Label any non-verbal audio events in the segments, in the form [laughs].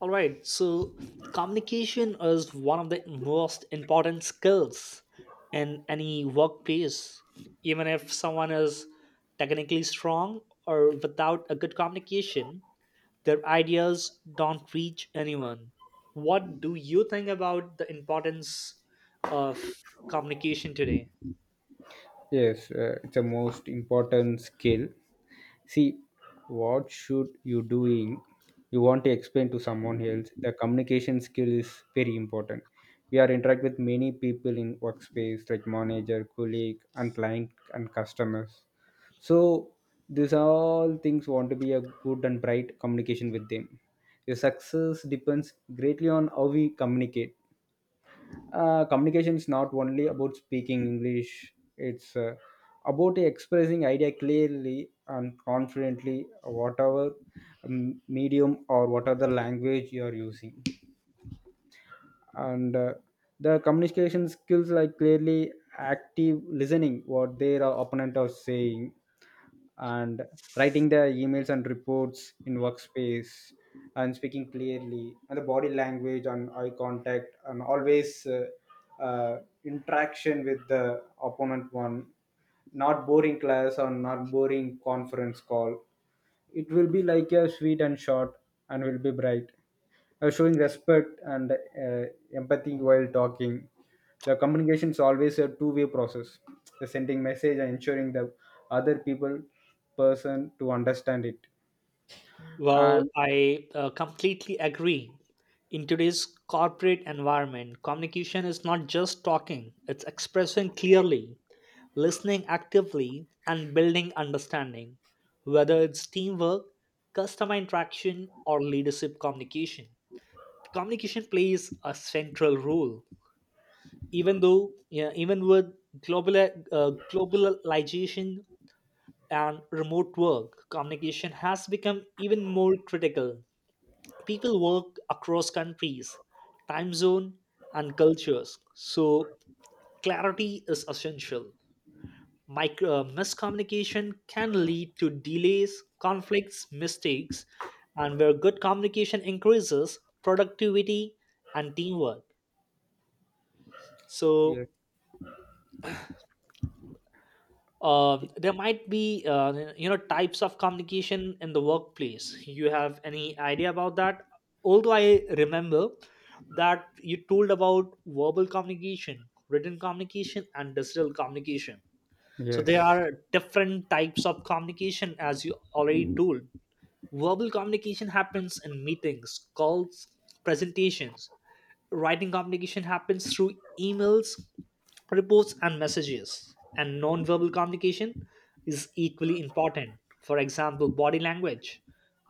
All right, so communication is one of the most important skills in any workplace. Even if someone is technically strong or without a good communication, their ideas don't reach anyone. What do you think about the importance of communication today? Yes, it's a most important skill. See, what should you doing? You want to explain to someone else. The communication skill is very important. We are interact with many people in workspace, like manager, colleague, and client and customers. So these all things want to be a good and bright communication with them. Your success depends greatly on how we communicate communication is not only about speaking english it's about expressing idea clearly and confidently whatever medium or whatever the language you are using and the communication skills like clearly active listening what their opponent are saying and writing the emails and reports in workspace and speaking clearly and the body language and eye contact and always uh, interaction with the opponent one, not boring class or not boring conference call. It will be like a sweet and short and will be bright, showing respect and empathy while talking. The communication is always a two-way process, the sending message and ensuring the other people person to understand it Well, and I uh, completely agree. In today's corporate environment, communication is not just talking, it's expressing clearly, listening actively, and building understanding, whether it's teamwork, customer interaction, or leadership communication. Communication plays a central role, even though, yeah, even with global, uh, globalization and remote work, communication has become even more critical. People work across countries, time zone, and cultures. So clarity is essential. Miscommunication can lead to delays, conflicts, mistakes, and where good communication increases productivity and teamwork. So yes. There might be types of communication in the workplace. You have any idea about that? Although I remember that you told about verbal communication, written communication, and digital communication, so there Yes. are different types of communication as you already told. Verbal communication happens in meetings, calls, presentations. Writing communication happens through emails, reports and messages, and non-verbal communication is equally important, for example body language,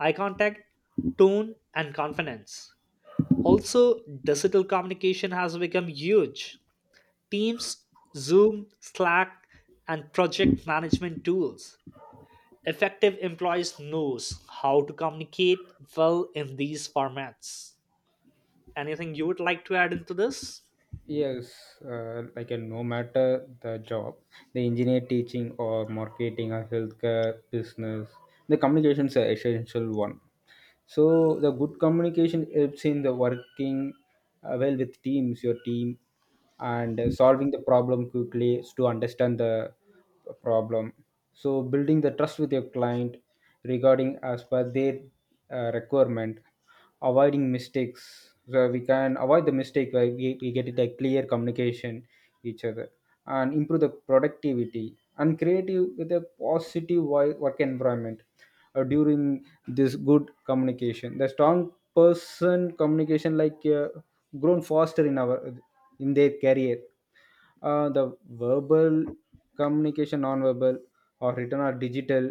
eye contact, tone and confidence. Also, digital communication has become huge. Teams, Zoom, Slack, and project management tools. Effective employees knows how to communicate well in these formats. Anything you would like to add into this? Yes, like a no matter the job, the engineer, teaching or marketing or healthcare business, the communication is an essential one. So the good communication helps in the working well with teams, your team, and solving the problem quickly to understand the problem, so building the trust with your client regarding as per their requirement, avoiding mistakes, so we can avoid the mistake where we get it a clear communication each other, and improve the productivity and creative with a positive work environment. During this good communication, the strong person communication like grown faster in our in their career. The verbal communication, non-verbal or written or digital,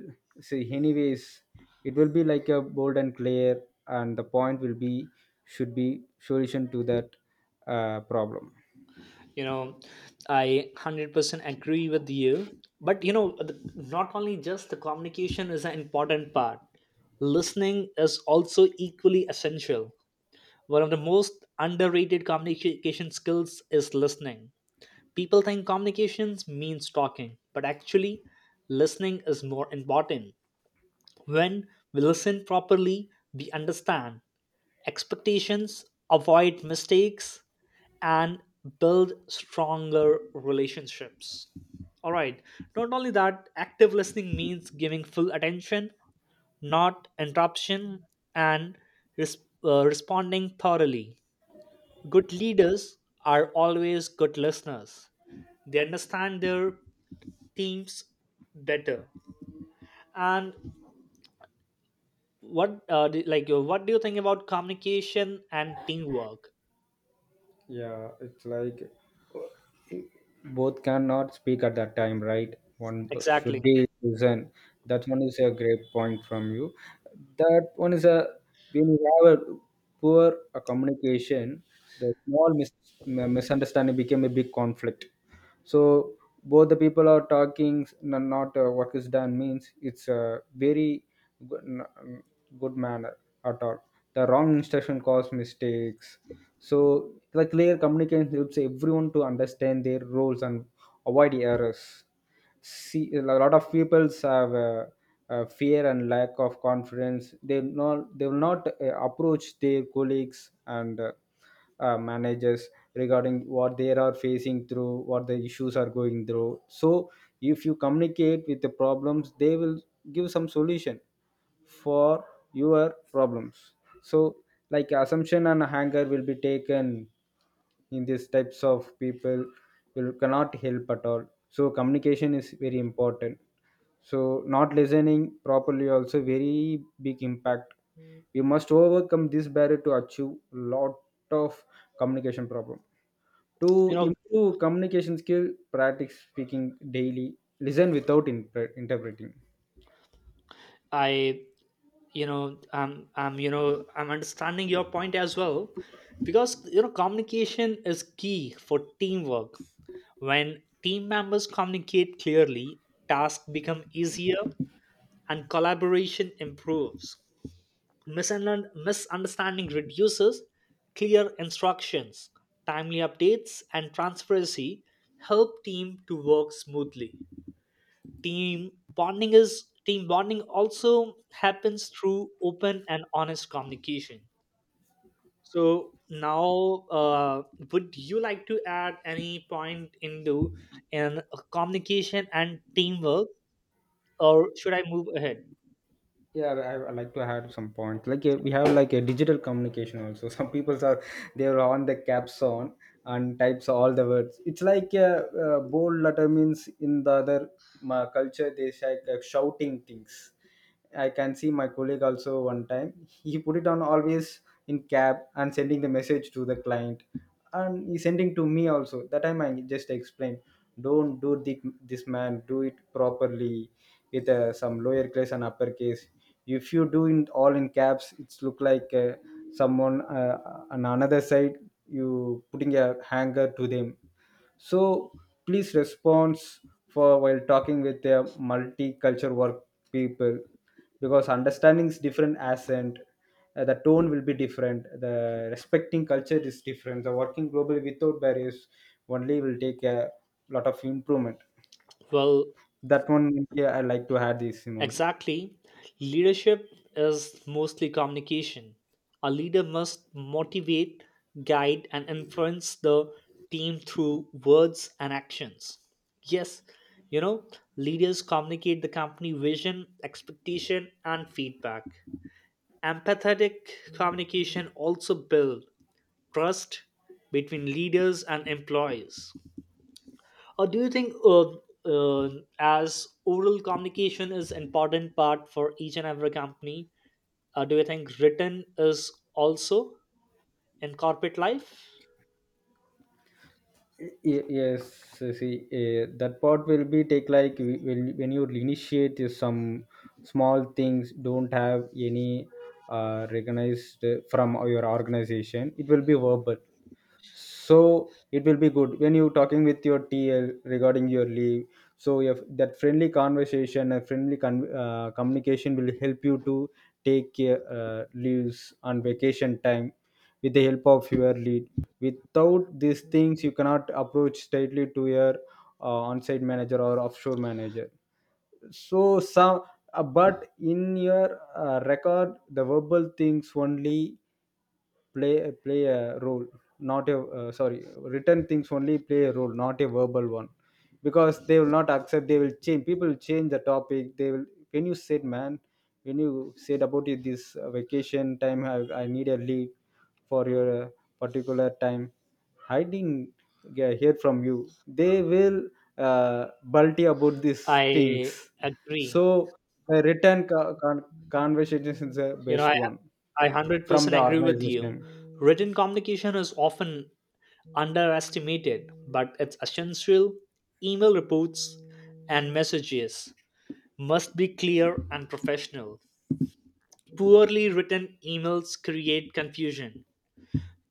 see anyways, it will be like a bold and clear, and the point will be, should be solution to that problem. You know, I 100% agree with you. But you know, not only just the communication is an important part. Listening is also equally essential. One of the most underrated communication skills is listening. People think communications means talking, but actually, listening is more important. When we listen properly, we understand expectations, avoid mistakes, and build stronger relationships. All right, not only that, active listening means giving full attention, not interruption, and res- responding thoroughly. Good leaders are always good listeners. They understand their teams better. And what do you think about communication and teamwork? Yeah, it's like uh, both cannot speak at that time, right? One should Exactly. be listen. That one is a great point from you. That one is a, when you have a poor communication, the small misunderstanding became a big conflict. So both the people are talking, not work is done means it's a very good, good manner at all. The wrong instruction cause mistakes, so the clear communication helps everyone to understand their roles and avoid errors. See a lot of peoples have fear and lack of confidence. They will not approach their colleagues and managers regarding what they are facing through, what the issues are going through. So if you communicate with the problems, they will give some solution for your problems. So like assumption and anger will be taken in these types of people, will cannot help at all. So communication is very important, so not listening properly also very big impact. We must overcome this barrier to achieve lot of communication problem to You know, improve communication skill. Practice speaking daily, listen without interpreting. I you know I'm you know I'm understanding your point as well, because you know communication is key for teamwork. When team members communicate clearly, tasks become easier and collaboration improves. Misunderstanding reduces. Clear instructions, timely updates and transparency help team to work smoothly. Team bonding also happens through open and honest communication. So now, would you like to add any point into in communication and teamwork, or should I move ahead? Yeah, I like to add some points like we have like a digital communication also [laughs] some people are, they're on the caps on and types all the words. It's like a, bold letter means in the other culture, they say like shouting things. I can see my colleague also one time he put it on always in cap and sending the message to the client, and he sending to me also. That time I just explained, don't do the, this man, do it properly with some lower case and upper case. If you do in all in caps, it's look like someone on another side, you putting a hanger to them. So please response for while talking with their multicultural work people, because understanding is different accent, the tone will be different, the respecting culture is different. The working globally without barriers only will take a lot of improvement. Well, That one, yeah, I like to add this Simon. exactly. Leadership is mostly communication. A leader must motivate, guide, and influence the team through words and actions. Yes, you know, leaders communicate the company vision, expectation, and feedback. Empathetic communication also builds trust between leaders and employees. Or do you think uh, as oral communication is important part for each and every company, do you think written is also in corporate life? Yes, see that part will be take like when you initiate is some small things don't have any recognized from your organization, it will be verbal. So it will be good when you talking with your TL regarding your leave. So if that friendly conversation and friendly communication will help you to take care leaves on vacation time with the help of your lead. Without these things, you cannot approach tightly to your on-site manager or offshore manager. So some, but in your record, the verbal things only play play a role, not a sorry, written things only play a role, not a verbal one. Because they will not accept, they will change, people will change the topic. They will, when you said man, when you said about it, this vacation time, I need a leave for your particular time. I didn't hear from you. They will uh, bulty about these I things. agree. So a written conversation is the You know, best I one I hundred from percent the agree with you. organization. Written communication is often underestimated, but it's essential. Email reports and messages must be clear and professional. Poorly written emails create confusion.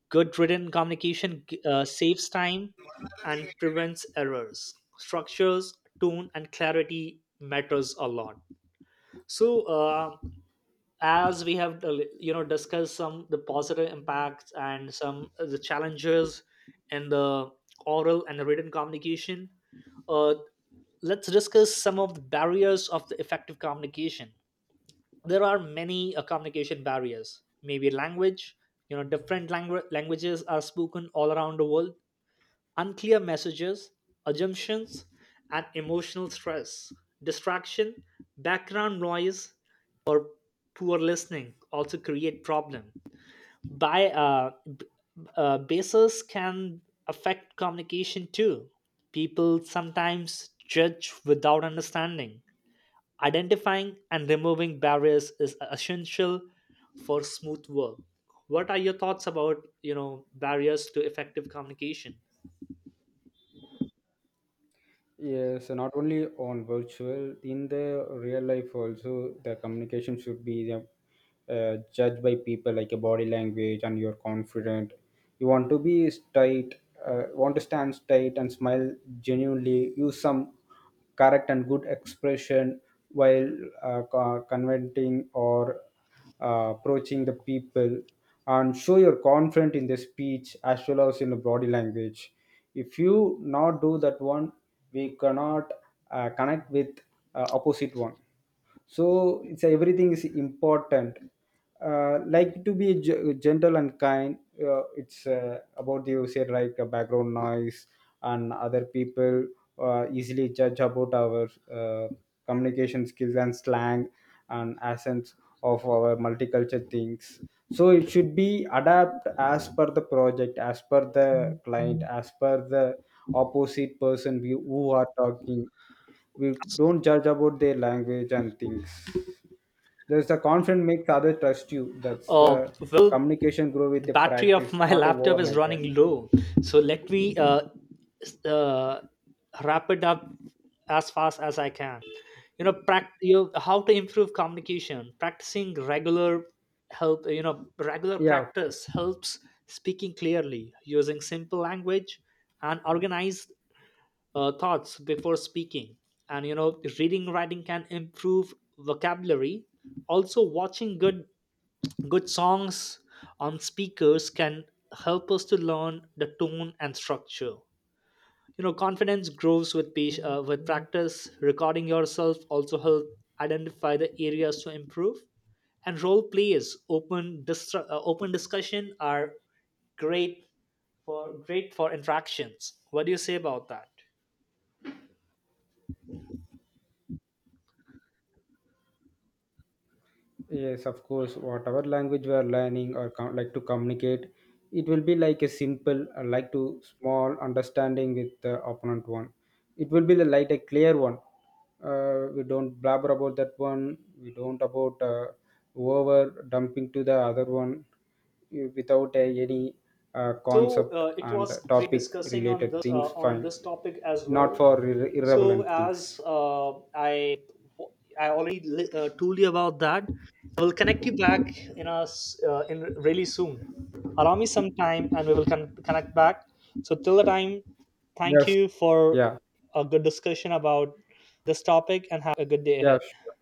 Good written communication saves time and prevents errors. Structures, tone, and clarity matters a lot. So, as we have discussed some the positive impacts and some the challenges in the oral and the written communication, uh, let's discuss some of the barriers of the effective communication. There are many communication barriers, maybe language. You know, languages are spoken all around the world. Unclear messages, assumptions and emotional stress, distraction, background noise, poor listening also create problem. by uh, b- Basis can affect communication too. People sometimes judge without understanding. Identifying and removing barriers is essential for smooth work. What are your thoughts about, you know, barriers to effective communication? Yes, so not only on virtual, in the real life also, the communication should be the, judged by people like your body language and you're confident. You want to be straight, want to stand straight and smile genuinely, use some correct and good expression while conventing or approaching the people, and show your confident in the speech as well as in the body language. If you not do that one, we cannot connect with opposite one. So it's everything is important, like to be gentle and kind. It's about you said like background noise and other people easily judge about our communication skills and slang and essence of our multicultural things. So it should be adapt as per the project, as per the client, as per the opposite person who are talking. We don't judge about their language and things. There's the confidence makes other trust you. That's the Well, communication grow the with a battery of practice, my [laughs] not a laptop is overnight, right? running low, so let me s- uh, wrap it up as fast as I can. You know, prac- you how to improve communication practicing regular help you know regular Yeah. practice helps speaking clearly, using simple language and organized thoughts before speaking. And you know, reading writing can improve vocabulary. Also, watching good good songs on speakers can help us to learn the tone and structure. You know, confidence grows with with practice. Recording yourself also help identify the areas to improve. And role plays, open discussion are great great for interactions. What do you say about that? Yes, of course. Whatever language we are learning or like to communicate, it will be like a simple, like to small understanding with the opponent one. It will be the like a clear one. We don't blabber about that one. We don't about over dumping to the other one without any So concept uh, it and was great topic discussing on related this uh, things. on Fine, this topic as not well. for So irrelevant as things. uh, I I already li- uh, told you about that, I will connect you back in really soon. Allow me some time, and we will connect back. So till the time, thank Yes. you for Yeah. a good discussion about this topic, and have a good day Yeah. ahead. Sure.